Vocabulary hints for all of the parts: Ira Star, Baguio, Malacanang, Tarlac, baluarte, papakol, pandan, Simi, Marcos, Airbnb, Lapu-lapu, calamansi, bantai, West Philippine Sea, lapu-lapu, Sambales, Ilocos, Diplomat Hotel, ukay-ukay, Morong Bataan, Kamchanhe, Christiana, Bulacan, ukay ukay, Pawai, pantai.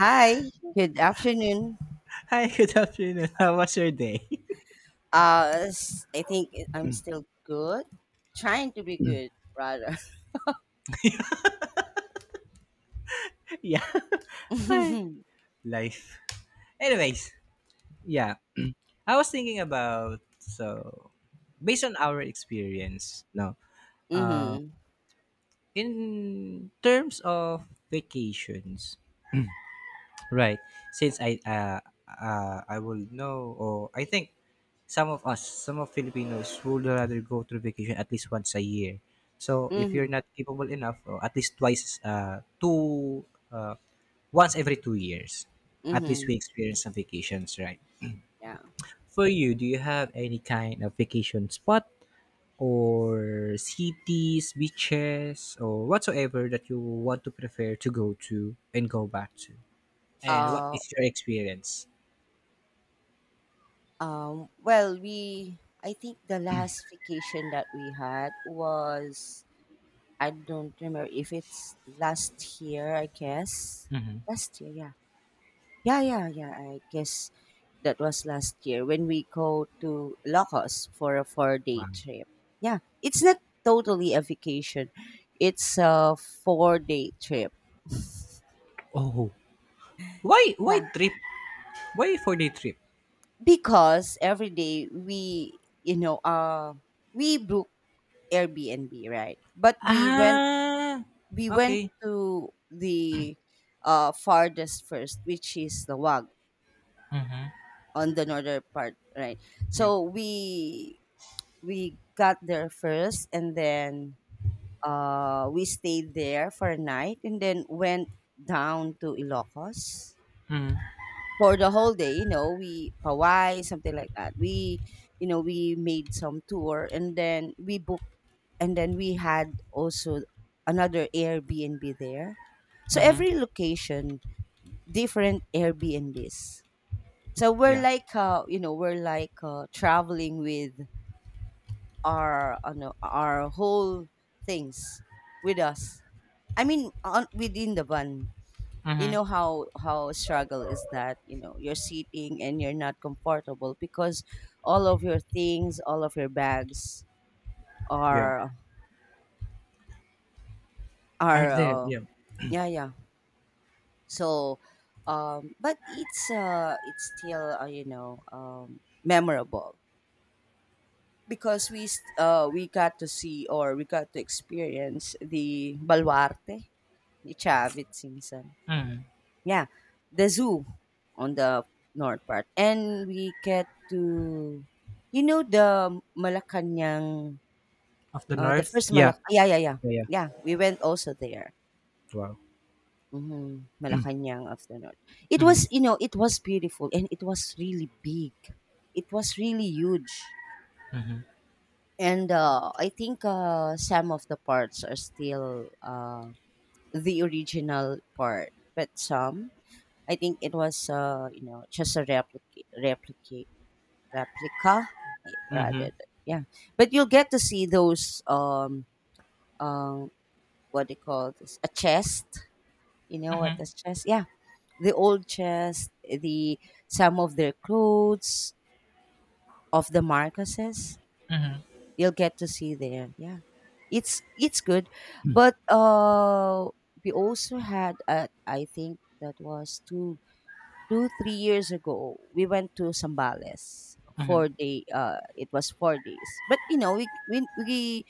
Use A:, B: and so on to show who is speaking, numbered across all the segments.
A: Hi, good afternoon.
B: Hi, good afternoon. How was your day?
A: I think am still good. Trying to be good, rather.
B: Yeah. Hi. Life. Anyways, yeah. I was thinking about, so based on our experience, no. Uh,
A: Mm-hmm.
B: in terms of vacations, right. Since I will know, or I think some of Filipinos would rather go to vacation at least once a year. So if you're
A: Mm-hmm.
B: not capable enough, or at least twice two uh once every 2 years, at least
A: Mm-hmm.
B: we experience some vacations, right?
A: Yeah.
B: For you, do you have any kind of vacation spot or cities, beaches, or whatsoever that you want to prefer to go to and go back to? And what
A: Uh,
B: is your experience?
A: well, I think the last vacation that we had was, I don't remember if it's last year, I guess.
B: Mhm.
A: Last year, yeah. Yeah, yeah, yeah. I guess that was last year when we go to Locos for a 4-day
B: Wow.
A: trip. Yeah, it's not totally a vacation, it's a 4-day trip.
B: Oh, why
A: Yeah,
B: trip? Why 4-day trip?
A: because every day we book Airbnb, right?
B: Ah,
A: We went
B: okay.
A: to the farthest first, which is the Wag on the northern part, right?
B: Yeah.
A: So we got there first, and then we stayed there for a night, and then went down to Ilocos
B: Mm-hmm.
A: for the whole day. You know, we Pawai, something like that. We You know, we made some tour, and then we booked, and then we had also another Airbnb there. So
B: Mm-hmm.
A: every location, different Airbnbs. So we're
B: Yeah.
A: like you know, we're like traveling with our ano, our whole things with us. I mean, on within the van. You
B: Mm-hmm.
A: know how struggle is that. You know, you're sitting and you're not comfortable because all of your things, all of your bags
B: Yeah.
A: are
B: Are
A: are
B: there?
A: uh,
B: Yeah.
A: yeah, yeah. So, but it's still memorable, because we got to see, or we got to experience the baluarte. Each have its season.
B: Mm-hmm.
A: Yeah, the zoo on the north part, and we get to, you know, the Malacanang,
B: Of the
A: the
B: north.
A: first
B: Yeah,
A: Malak. Yeah, yeah, yeah,
B: yeah. Yeah.
A: yeah. We went also there.
B: Wow.
A: Mm-hmm. Malacanang of the north. It
B: Mm-hmm.
A: was, you know, it was beautiful, and it was really big. It was really huge, and I think some of the parts are still the original part, but some I think it was you know, just a replica, replica replica, eh,
B: Mm-hmm.
A: yeah, but you'll get to see those um what they call this, a chest, you know what, this chest, yeah, the old chest, the some of their clothes of the Marcoses, you'll get to see there, yeah. It's good. But we also had I think that was two three years ago. We went to Sambales
B: Mm-hmm.
A: 4-day. It was 4 days, but you know,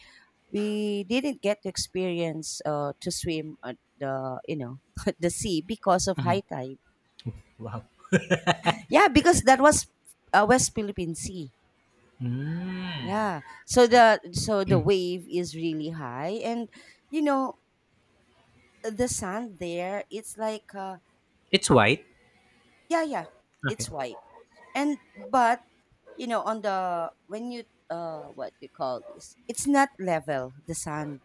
A: we didn't get to experience to swim at the you know at the sea because of high tide.
B: Wow.
A: Yeah, because that was West Philippine Sea.
B: Mm-hmm.
A: Yeah,
B: So.
A: so the wave is really high, and you know, the sand there, it's like
B: It's white.
A: yeah, yeah,
B: Okay.
A: it's white. And but you know, on the when you what do you call this, it's not level, the sand.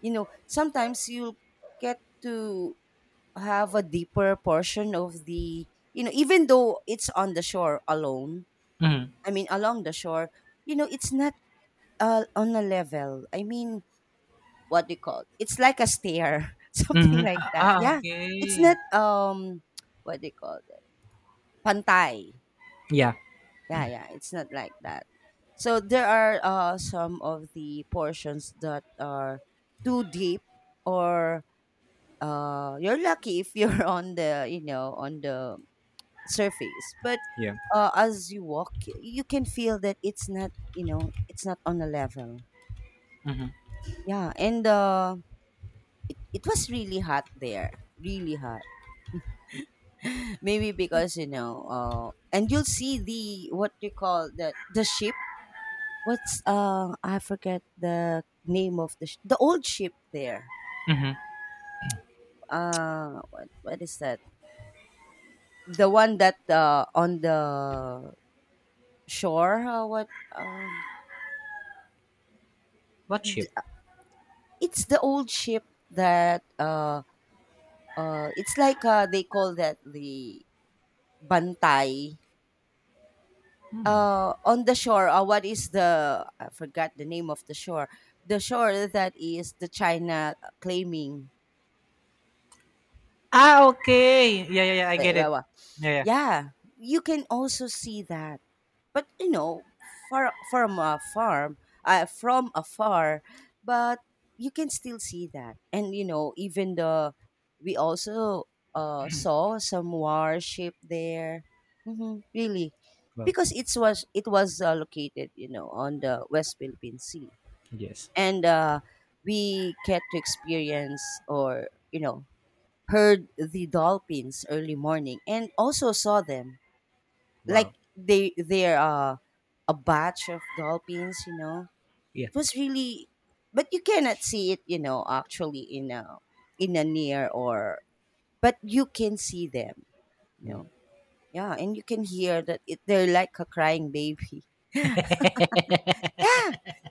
A: You know, sometimes you'll get to have a deeper portion of the you know, even though it's on the shore alone,
B: Mm-hmm.
A: I mean along the shore, you know it's not on a level. I mean, what do you call, it's like a stair,
B: Mm-hmm.
A: something like
B: Ah,
A: that,
B: ah,
A: yeah. It's
B: okay.
A: not what do you call that, pantai.
B: Yeah,
A: Yeah, yeah, it's not like that. So there are some of the portions that are too deep, or you're lucky if you're on the you know on the surface. But
B: yeah.
A: as you walk, you can feel that it's not, you know it's not on a level.
B: Mm-hmm.
A: Yeah, and it it was really hot there, really hot. Maybe because you know, and you'll see the what you call that, the ship. What's I forget the name of the the old ship there.
B: Mm-hmm.
A: What is that? The one that on the shore,
B: What ship?
A: th- it's the old ship that it's like they call that the bantai, on the shore, what is the, I forgot the name of the shore, the shore that is the China claiming.
B: Ah, okay. Yeah, yeah, yeah. I get it.
A: Uh,
B: Yeah. Yeah.
A: yeah, you can also see that, but you know, far from a farm, from afar, but you can still see that. And you know, even the we also saw some warship there. Hmm, really,
B: Wow.
A: because it was located, you know, on the West Philippine Sea.
B: Yes.
A: And we get to experience, or you know, heard the dolphins early morning, and also saw them. Like
B: Wow.
A: they're a batch of dolphins, you know.
B: Yeah.
A: It was really, but you cannot see it, you know, actually, in a near or, but you can see them, you know. Yeah, and you can hear that it, they're like a crying baby. Yeah.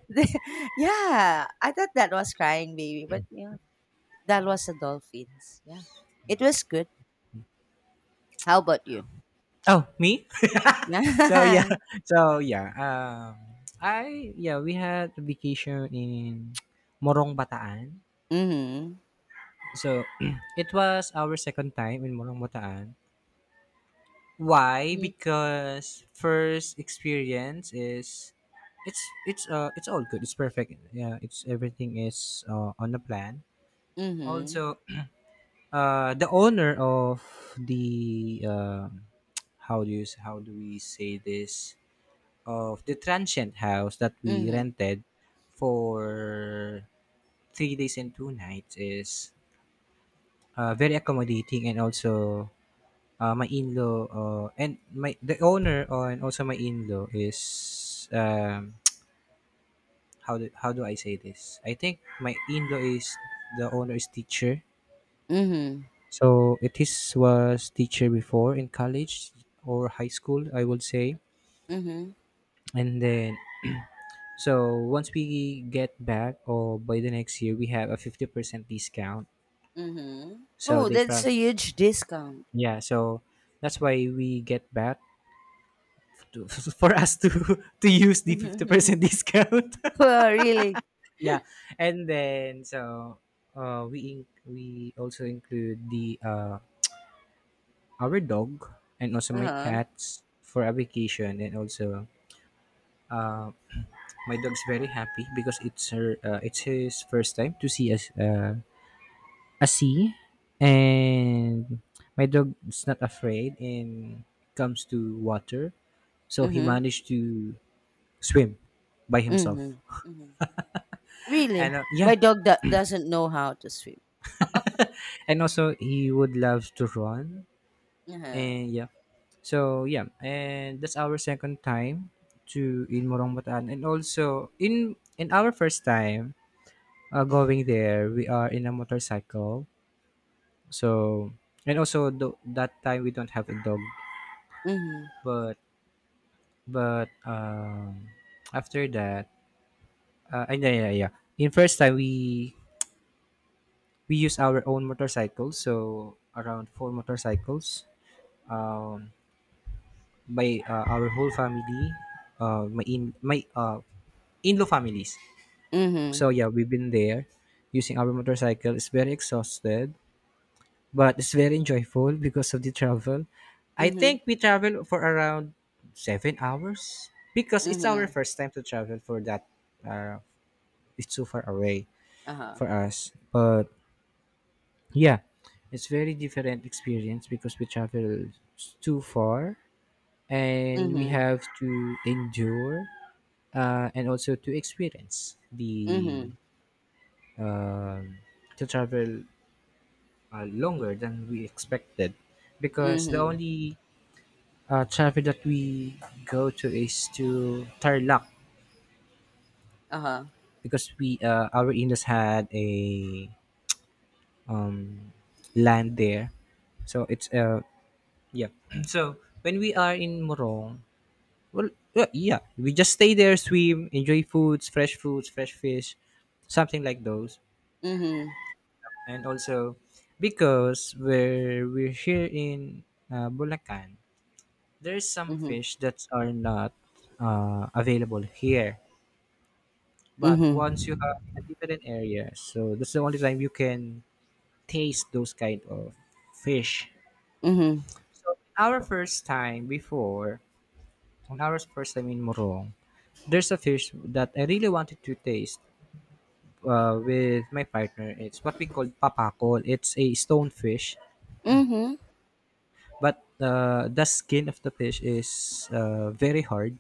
A: Yeah, I thought that was crying baby, but you know, that was the dolphins, yeah. It was good. How about you?
B: Oh, me? So, yeah.
A: Yeah.
B: So, yeah. I, yeah, we had a vacation in Morong Bataan.
A: Mm-hmm.
B: So it was our second time in Morong Bataan. Why?
A: Mm-hmm.
B: Because first experience is, it's it's all good. It's perfect. Yeah, it's everything is on the plan.
A: Mm-hmm.
B: Also, the owner of the, how do we say this, of the transient house that we rented for 3 days and 2 nights is, very accommodating. And also, my in-law, and my the owner, and also my in-law is, how do I say this, I think my in-law is, the owner is teacher.
A: Mm-hmm.
B: So it is was teacher before in college or high school, I would say.
A: Mm-hmm.
B: And then so once we get back, or by the next year, we have a 50% discount.
A: Mhm.
B: So
A: Oh,
B: they
A: that's
B: pra-
A: a huge discount.
B: yeah, so that's why we get back to, for us to to use the 50% discount.
A: Well, really?
B: Yeah. And then so we also include the our dog and also my
A: Uh-huh.
B: cats for a vacation, and also, uh, my dog's very happy because it's his first time to see a sea, and my dog is not afraid and comes to water, so he
A: Mhm.
B: managed to swim by himself.
A: Mhm. Mhm.
B: And,
A: Really?
B: yeah,
A: My dog that doesn't know how to swim.
B: and also he would love to run,
A: Uh-huh.
B: and yeah, so yeah. And that's our second time to in Morongbotan, and also, in our first time going there, we are in a motorcycle. So, and also that time we don't have a dog,
A: Mm-hmm.
B: but but, after that, and yeah, yeah, yeah. In first time, we use our own motorcycles, so around 4 motorcycles. Um, by, our whole family, my in my in-law families.
A: Mm-hmm.
B: So yeah, we've been there using our motorcycle. It's very exhausted but it's very enjoyable because of the travel. I
A: Mhm.
B: think we travel for around 7 hours because it's our
A: Mhm.
B: first time to travel for that. Uh, it's so far away
A: Uh-huh.
B: for us, but yeah, it's very different experience because we travel too far and we
A: Mhm.
B: have to endure, and also to experience the,
A: Mhm.
B: um to travel, longer than we expected, because the
A: Mhm.
B: only, traffic that we go to is to Tarlac,
A: Uh-huh.
B: because we our in-laws had a, um, land there, so it's yeah. So when we are in Morong, well, yeah, we just stay there, swim, enjoy foods, fresh fish, something like those,
A: Mhm.
B: and also, because where we're here in, Bulacan, there's some
A: Mhm.
B: fish that are not, available here,
A: Mm-hmm.
B: but once you have
A: Mm-hmm.
B: a different area, so that's the only time you can taste those kind of fish.
A: Mm-hmm.
B: So our first time, before on our first time in Morong, there's a fish that I really wanted to taste, with my partner. It's what we call papakol. It's a stone fish.
A: Mm-hmm.
B: But the skin of the fish is, very hard,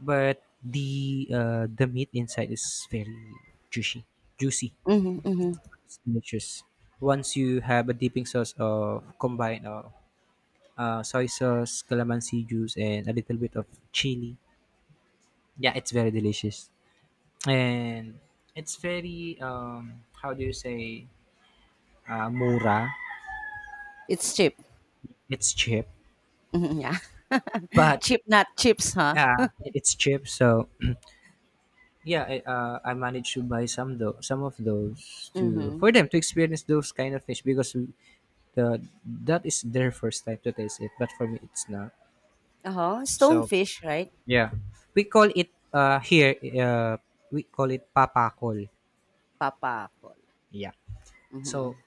B: but the, the meat inside is very juicy, juicy,
A: Mm-hmm.
B: delicious. Once you have a dipping sauce of combined, soy sauce, calamansi juice, and a little bit of chili, yeah, it's very delicious. And it's very, how do you say, mura.
A: It's cheap.
B: It's cheap,
A: Mm-hmm. Yeah.
B: but
A: Cheap not chips, huh?
B: yeah, it's cheap. So yeah, I managed to buy some though, some of those to
A: Mhm.
B: for them to experience those kind of fish, because we- the that is their first time to taste it, but for me it's not.
A: Uh-huh.
B: So,
A: Stonefish, right?
B: yeah. We call it, here, we call it papakol.
A: Papa.
B: Yeah. So
A: Mhm.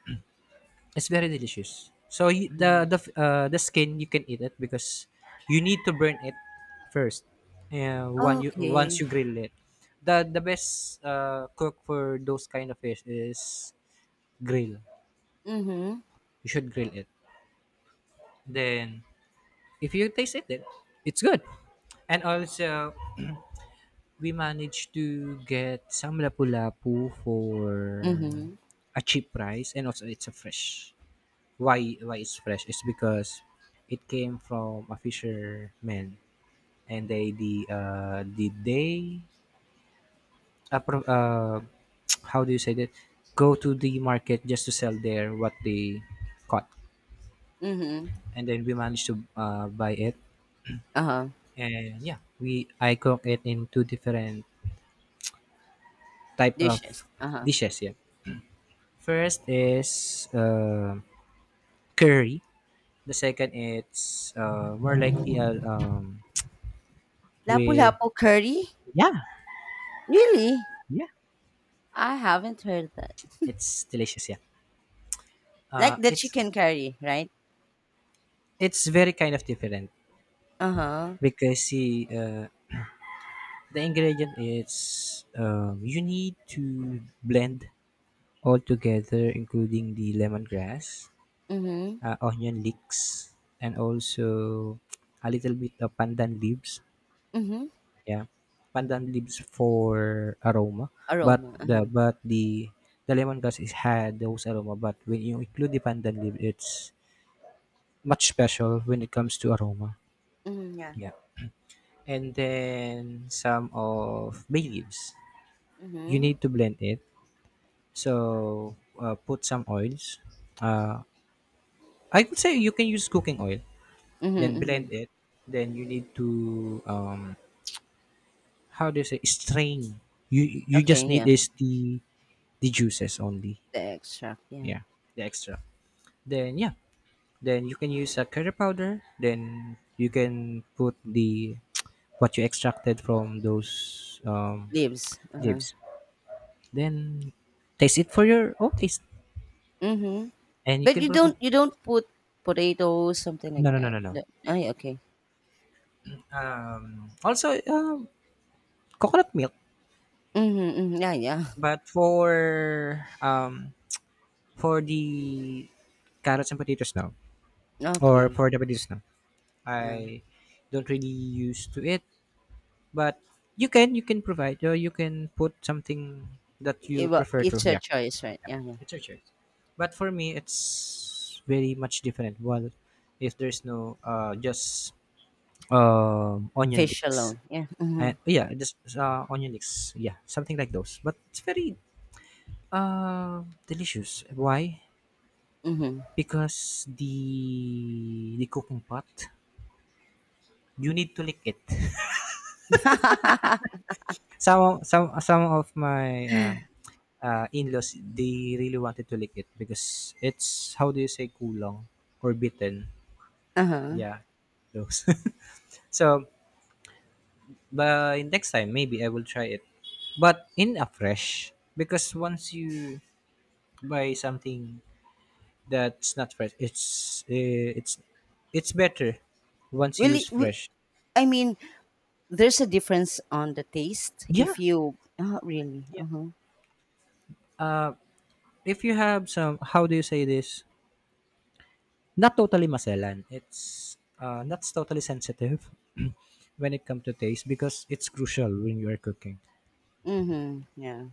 B: it's very delicious. So you,
A: Mhm.
B: the skin you can eat it, because you need to burn it first. When you Once
A: Okay.
B: you grill it, the best, cook for those kind of fish is grill.
A: Mhm.
B: You should grill it. Then if you taste it, then it's good. And
A: Uh-huh.
B: also, we managed to get some lapu-lapu for
A: Mhm.
B: a cheap price, and also it's a fresh. Why it's fresh is because it came from a fisherman, and they the did they pro- how do you say that, go to the market just to sell there what they caught.
A: Mhm.
B: And then we managed to, buy it.
A: Uh-huh.
B: And yeah, we I cook it in two different type of
A: Dishes. Uh-huh.
B: dishes, yeah. First is, curry. The second, it's, more likely, with.
A: Lapu-lapu curry?
B: Yeah,
A: Really?
B: yeah,
A: I haven't heard that.
B: it's delicious, yeah. Uh,
A: Like the
B: it's
A: chicken curry, right?
B: it's very kind of different,
A: Uh-huh.
B: because see, the ingredient is, you need to blend all together including the lemongrass,
A: Mm-hmm.
B: onion leeks, and also a little bit of pandan leaves.
A: Mm-hmm.
B: Yeah, pandan leaves for aroma, but
A: Aroma.
B: the,
A: Uh-huh.
B: but the lemongrass is had those aroma, but when you include the pandan leaf, it's much special when it comes to aroma.
A: Mm-hmm. Yeah.
B: Yeah. And then some of bay leaves. You
A: Mm-hmm.
B: need to blend it. So, put some oils. Uh, I would say you can use cooking oil. Then
A: Mm-hmm. Mm-hmm.
B: blend it. Then you need to, how do you say, strain. You
A: Okay,
B: just need
A: yeah.
B: is the juices only.
A: The extract, yeah.
B: Yeah, the extra. Then yeah, then you can use a curry powder. Then you can put the what you extracted from those,
A: Leaves. Uh-huh.
B: leaves, then taste it for your own taste,
A: Mm-hmm.
B: and you
A: But
B: can prefer.
A: you don't put potatoes, something
B: No,
A: like
B: no, no,
A: that.
B: no, no.
A: No. Oh, yeah, okay.
B: Also, coconut milk.
A: Mm-hmm. Mm-hmm. Yeah, yeah.
B: But for, for the carrots and potatoes now, or
A: Okay.
B: for the potatoes now,
A: Yeah.
B: I don't really used to it, but you can provide, or you can put something that you prefer to,
A: It's a
B: yeah.
A: choice, right? Yeah, yeah.
B: It's your choice, but for me it's very much different. Well, if there's no, just, onion
A: Fish
B: leeks,
A: alone. Yeah.
B: and
A: Mhm.
B: yeah, just, onion leeks, yeah, something like those. But it's very, delicious. Why?
A: Mhm.
B: Because the cooking pot you need to lick it. Some of my, in-laws, they really wanted to lick it, because it's, how do you say, kulong, or bitten?
A: Uh-huh.
B: Yeah, those. So, but next time maybe I will try it, but in a fresh, because once you buy something that's not fresh, it's better once you use
A: Really? Wi
B: fresh.
A: I mean, there's a difference on the taste
B: Yeah.
A: if you. Oh, really? Uh-huh.
B: Uh, if you have some, how do you say this? Not totally Maselan. It's, not totally sensitive when it comes to taste, because it's crucial when you are cooking.
A: Mhm. Yeah.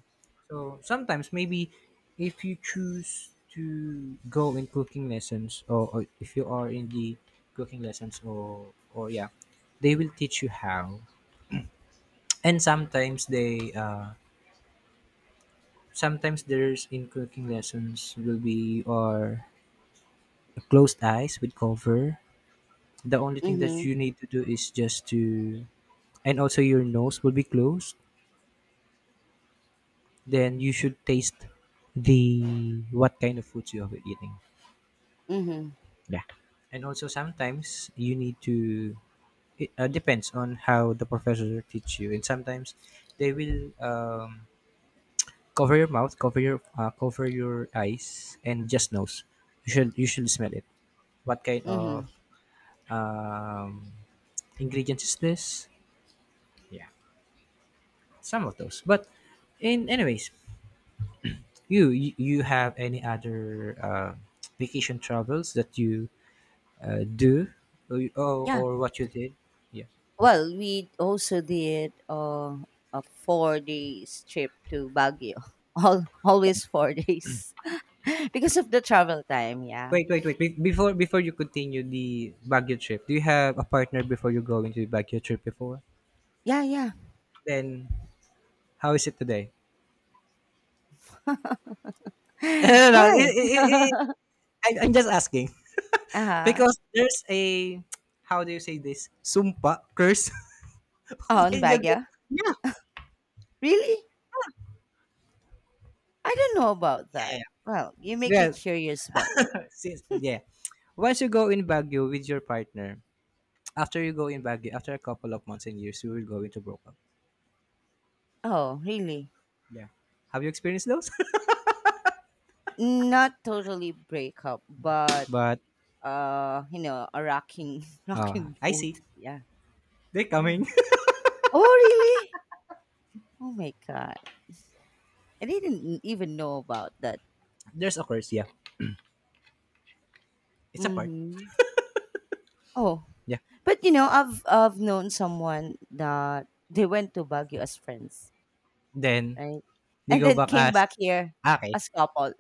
B: So sometimes, maybe, if you choose to go in cooking lessons, or if you are in the cooking lessons, or yeah, they will teach you how. And sometimes, they sometimes there's in cooking lessons will be, or closed eyes with cover. The only thing that
A: Mhm.
B: you need to do is just to, and also your nose will be closed. Then you should taste the, what kind of foods you have been eating.
A: Mhm.
B: Yeah. And also sometimes, you need to it, depends on how the professor teach you. And sometimes they will, cover your mouth, cover your eyes, and just nose. You should smell it. What kind of,
A: Mhm.
B: um, ingredients is this? Yeah. Some of those. But in anyways, you have any other, vacation travels that you, do, or, or
A: Yeah.
B: or what you did? Yeah.
A: Well, we also did a 4 days trip to Baguio. All always 4 days because of the travel time, yeah.
B: Wait, wait, wait. Before you continue the Baguio trip, do you have a partner before you go into the Baguio trip before?
A: Yeah, yeah.
B: Then how is it today? no, no, it,
A: Why?
B: it, it, it- I, I'm just asking
A: Uh-huh.
B: because there's a how do you say this sumpa curse
A: On
B: when you go.
A: Baguio?
B: Yeah, yeah,
A: Really? I don't know about
B: yeah,
A: that. Well,
B: yeah.
A: you make me
B: Yeah,
A: curious about that.
B: since yeah, once you go in Baguio with your partner, after you go in Baguio, after a couple of months and years you will go into broke up.
A: Oh, really?
B: Yeah, have you experienced those?
A: Not totally breakup, but
B: But
A: you know, a rocking rocking
B: I
A: boat.
B: see,
A: Yeah.
B: they're
A: Yeah.
B: coming.
A: Oh, really? Oh my god. I didn't even know about that.
B: There's a curse, yeah, it's a part.
A: Mhm. Oh,
B: Yeah,
A: but you know, I've known someone that they went to Baguio as friends,
B: then
A: right?
B: they
A: And
B: go
A: then
B: back
A: came back
B: as,
A: here
B: okay,
A: as couple.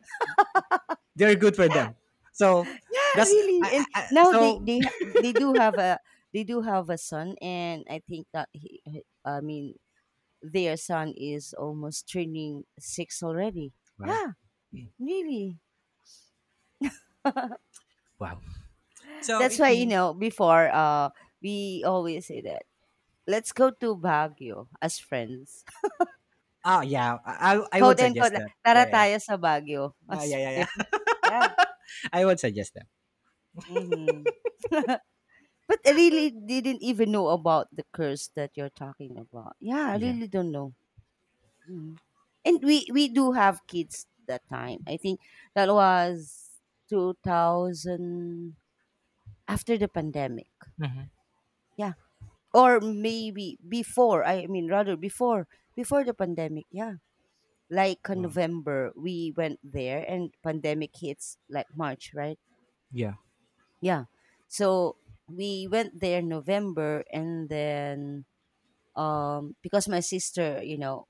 B: they're good for
A: Yeah.
B: them. So
A: Yeah,
B: that's
A: really. And now
B: so.
A: they do have a, they do have a son. And I think that I mean, their son is almost turning six already.
B: Wow.
A: Yeah, really.
B: Wow, so
A: That's
B: it
A: why you
B: means.
A: know, before we always say that let's go to Baguio as friends.
B: Oh yeah, I would
A: Quote and
B: suggest
A: quote,
B: that. Yeah,
A: tara
B: yeah, yeah,
A: tayo sa Baguio
B: yeah, yeah,
A: as
B: yeah,
A: friends.
B: yeah.
A: Yeah.
B: I would suggest that.
A: Mm-hmm. But I really didn't even know about the curse that you're talking about. Yeah, I
B: Yeah.
A: really don't know. Mhm. And we do have kids that time. I think that was 2000, after the pandemic.
B: Hmm.
A: Yeah. Or maybe before, I mean rather before, before the pandemic. Yeah. Like
B: Wow.
A: November we went there and pandemic hits like March, right?
B: Yeah.
A: Yeah. So we went there November, and then because my sister, you know,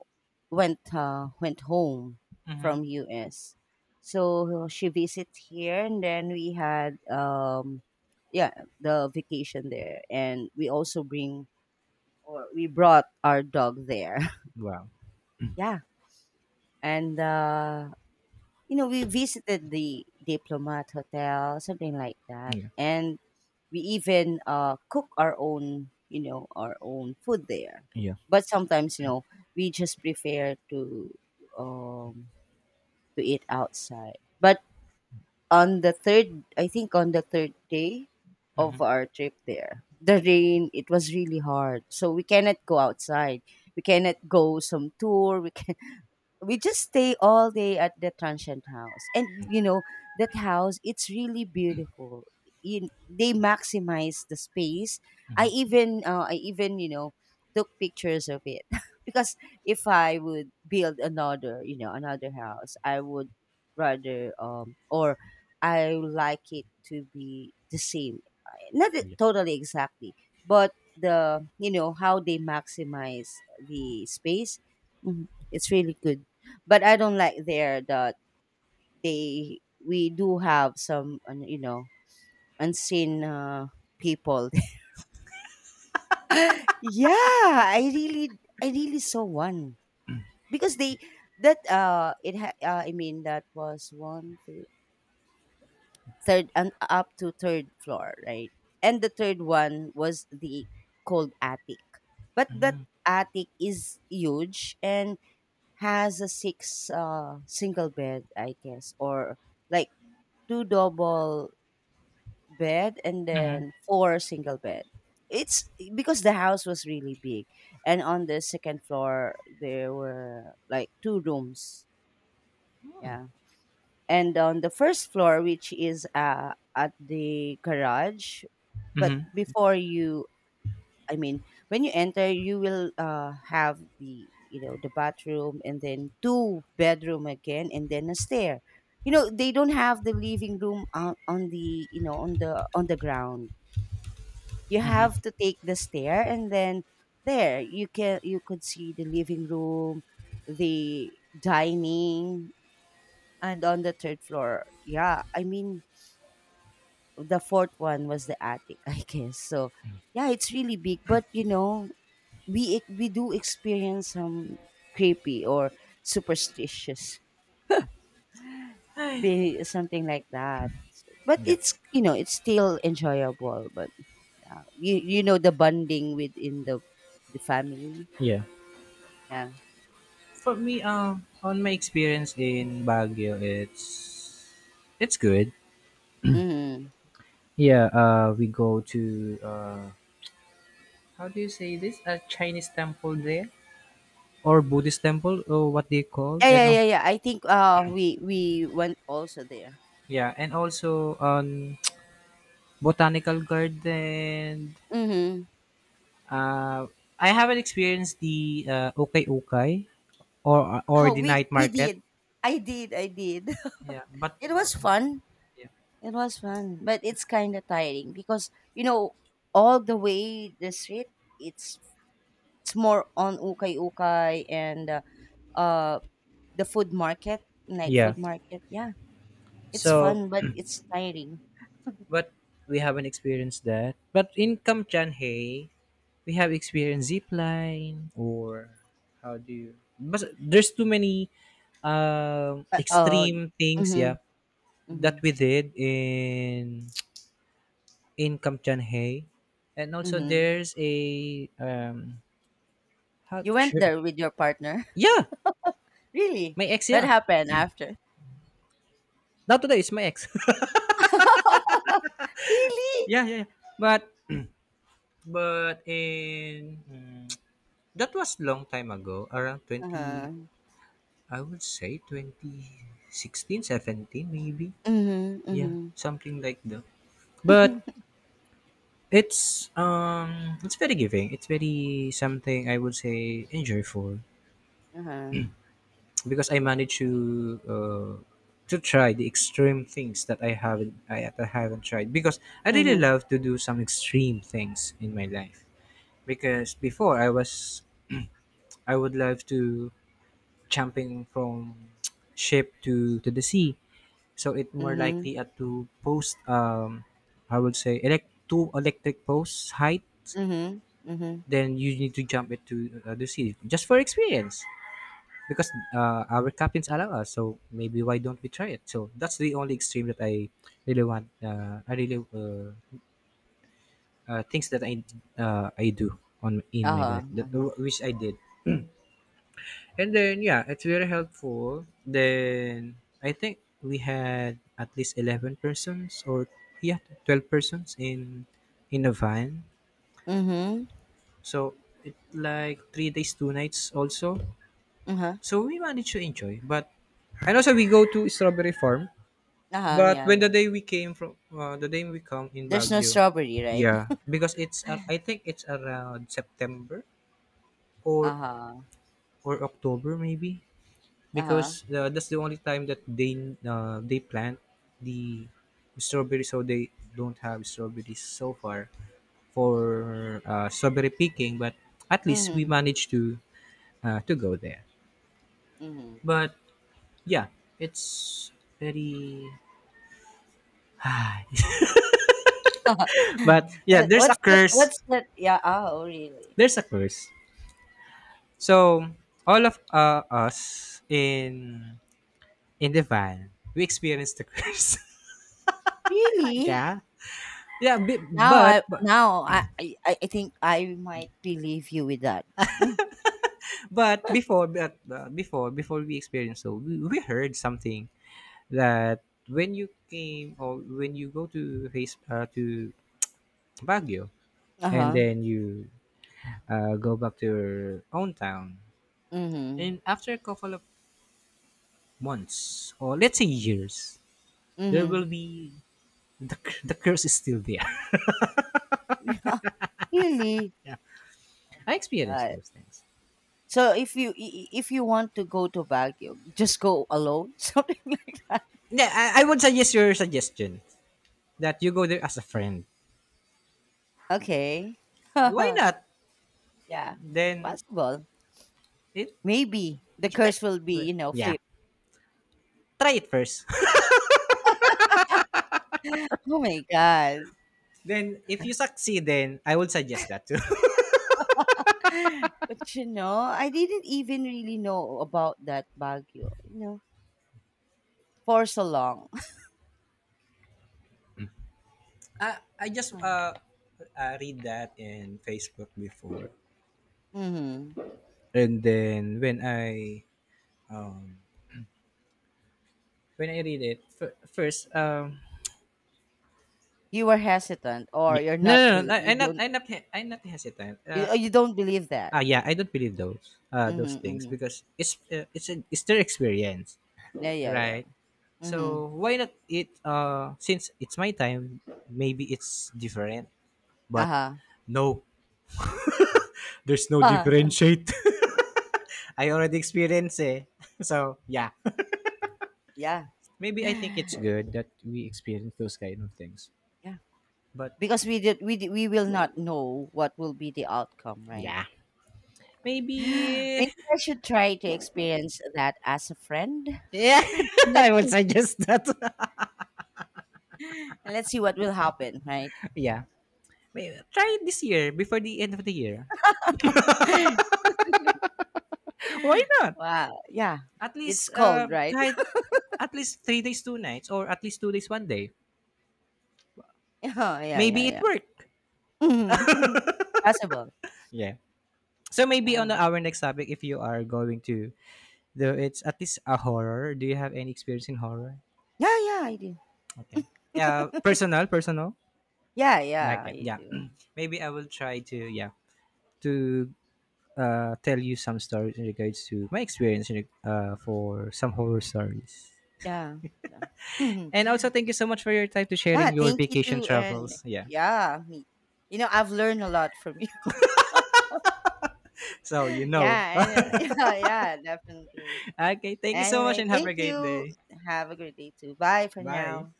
A: went went home
B: Mm-hmm.
A: from US. So she visited here, and then we had yeah, the vacation there, and we also bring, or we brought our dog there.
B: Wow.
A: Yeah. And you know, we visited the Diplomat Hotel, something like that.
B: Yeah.
A: And we even cook our own, you know, our own food there.
B: Yeah.
A: But sometimes, you know, we just prefer um, to eat outside. But on the third, I think on the third day of our trip there, the rain, it was really hard, so we cannot go outside. We cannot go some tour. We we just stay all day at the transient house. And you know, that house, it's really beautiful. You, they maximize the space. I even I even, you know, took pictures of it. Because if I would build another, you know, another house, I would rather or I would like it to be the same. I- not e-
B: Yeah.
A: totally exactly, but the you know, how they maximize the space. Mhm, it's really good. But I don't like there that they, we do have some you know, unseen people. Yeah, I really saw one because they, that I mean, that was one two, third and up to third floor, right? And the third one was the cold attic. But that attic is huge, and has a six single bed I guess, or like two double bed, and
B: Mm-hmm.
A: then four single bed. It's because the house was really big. And on the second floor there were like two rooms, yeah. And on the first floor, which is at the garage. But
B: Mm-hmm.
A: before you I mean, when you enter, you will have the you know, the bathroom, and then two bedroom again, and then a stair. You know, they don't have the living room on the you know, on the ground. You have to take the stair, and then there you can, you could see the living room, the dining, and on the third floor. Yeah, I mean the fourth one was the attic, I guess. So yeah, it's really big, but you know, we do experience some creepy or superstitious
B: Ay,
A: be something like that. But
B: yeah.
A: it's you know, it's still enjoyable, but yeah, you know, the bonding within the family,
B: Yeah.
A: yeah.
B: For me, on my experience in Baguio, it's good.
A: Hmm.
B: Yeah. We go to uh, how do you say this? A Chinese temple there, or Buddhist temple, or what they call,
A: Yeah,
B: and
A: yeah,
B: oh,
A: yeah, yeah, I think we went also there.
B: yeah, and also on botanical garden.
A: Mm-hmm.
B: Uh, I haven't experienced the ukay-ukay, or
A: Oh,
B: the night
A: we
B: market.
A: did, I did.
B: Yeah, but
A: It
B: for,
A: was fun.
B: yeah.
A: It was fun, but it's kind of tiring because you know, all the way the street. It's it's more on ukay ukay and uh the food market, night food
B: Yeah.
A: market. Yeah, it's
B: So,
A: fun, but it's tiring.
B: but we haven't experienced that. But in Kamchanhe, we have experienced zip line, or how do you? But there's too many
A: Uh, uh
B: extreme things,
A: mhm,
B: yeah, that
A: mhm,
B: we did in Kamchanhe. And also
A: mhm.
B: there's a um how
A: You went
B: sure.
A: there with your partner,
B: Yeah,
A: really?
B: my ex.
A: What
B: Yeah,
A: happened after?
B: not today, it's my ex.
A: Really?
B: Yeah, yeah, yeah. but but in mm, That was long time ago, around
A: Uh
B: 20,
A: huh.
B: I would say 2016, seventeen, maybe.
A: Mhm, mhm.
B: Yeah, something like that. But it's very giving. It's very something, I would say enjoyable,
A: Uh huh.
B: because I managed to try the extreme things that I haven't I, that I haven't tried, because I really
A: Mhm,
B: love to do some extreme things in my life. Because before I was, I would love to jumping from ship to the sea. So it more
A: mhm,
B: likely at two post, I would say elect two electric posts height.
A: mhm, mhm.
B: Then you need to jump it to the sea just for experience, because our captains allow us, so maybe why don't we try it. So that's the only extreme that I really want, I really things that I, I do on in
A: Uh
B: my life that,
A: huh.
B: which I did. And then yeah, it's very helpful. Then I think we had at least 11 persons, or yeah, 12 persons in a van.
A: Mhm.
B: So it like 3 days, 2 nights also.
A: Uh-huh.
B: So we managed to enjoy. But and also we go to strawberry farm.
A: Uh-huh.
B: But
A: Yeah,
B: when
A: yeah.
B: the day we came from the day we come in
A: There's no
B: Baguio,
A: strawberry, right?
B: yeah, because it's I think it's around September or
A: Uh-huh.
B: or October maybe.
A: Uh-huh.
B: Because that's the only time that they plant the strawberry, so they don't have strawberries so far for strawberry picking, but at least we
A: Mhm.
B: managed to go there.
A: Mhm.
B: But yeah, it's very. But yeah,
A: What-
B: there's a
A: what's that? What's
B: curse.
A: that? Yeah. Oh, really?
B: There's a curse, so all of us in the van we experienced the curse.
A: Really?
B: Yeah. yeah bi-
A: Now
B: but,
A: I
B: but
A: now I I think I might believe you with that. Mm.
B: But before, before we experienced so, we heard something that when you came, or when you go to to Baguio, and
A: Uh-huh.
B: then you go back to your own town,
A: Mhm.
B: and after a couple of months, or let's say years, there will
A: Mhm.
B: be the curse is still there.
A: Really? Oh
B: I
A: my
B: experienced
A: god.
B: those things.
A: So if you if you want to go to Baguio, just go alone, something like that.
B: Yeah, I would suggest your suggestion, that you go there as a friend.
A: Okay.
B: Why not?
A: Yeah,
B: Then
A: possible.
B: it,
A: Maybe the
B: you
A: curse will be,
B: could,
A: you know,
B: yeah,
A: flipped.
B: try it first.
A: Oh my God.
B: Then if you succeed, then I would suggest that too.
A: But you know, I didn't even really know about that Baguio, you know, for so long.
B: I just read that in Facebook before,
A: Mm-hmm.
B: and then when I read it first,
A: You were hesitant or
B: yeah,
A: you're
B: no,
A: not,
B: no,
A: bel
B: no,
A: you
B: I'm not,
A: don't,
B: I'm not hesitant.
A: you, oh, you don't believe that.
B: Yeah, I don't believe those
A: Mm-hmm,
B: things,
A: mm-hmm.
B: because it's their experience,
A: Yeah, yeah, yeah.
B: right?
A: Mm-hmm.
B: So why not it? Since it's my time, maybe it's different, but
A: Uh-huh.
B: no, there's no differentiate. I already experienced it. So yeah,
A: Yeah.
B: maybe I think it's good that we experience those kind of things.
A: Yeah.
B: But
A: Because we did, we will not know what will be the outcome, right?
B: yeah,
A: Maybe
B: maybe
A: I should try to experience that as a friend.
B: yeah,
A: Let's
B: I would
A: see.
B: suggest that.
A: Let's see what will happen, right?
B: Yeah, may try it this year before the end of the year. Why not?
A: Wow. Yeah.
B: At
A: It's
B: least
A: cold, right?
B: kahit at least 3 days, 2 nights, or at least 2 days, one day.
A: Yeah, yeah,
B: Maybe
A: yeah,
B: it
A: yeah.
B: worked.
A: Mhm. Possible.
B: Yeah. So maybe on
A: Yeah.
B: our next topic, if you are going to, though it's at least a horror. Do you have any experience in horror?
A: Yeah, yeah, I do.
B: Okay. Personal, personal.
A: Yeah, yeah,
B: Okay.
A: I
B: Yeah.
A: do.
B: Maybe I will try to, yeah, to tell you some stories in regards to my experience in, for some horror stories.
A: Yeah. Yeah.
B: And also, thank you so much for your time to sharing
A: Yeah,
B: your
A: thank you
B: vacation
A: too. And
B: travels. Yeah.
A: yeah, me. You know, I've learned a lot from you.
B: So you know.
A: Yeah, and, yeah, yeah, definitely.
B: Okay, thank you so much
A: Anyway,
B: and have a
A: thank
B: great
A: you.
B: day.
A: Have a great day too. Bye for
B: Bye.
A: now.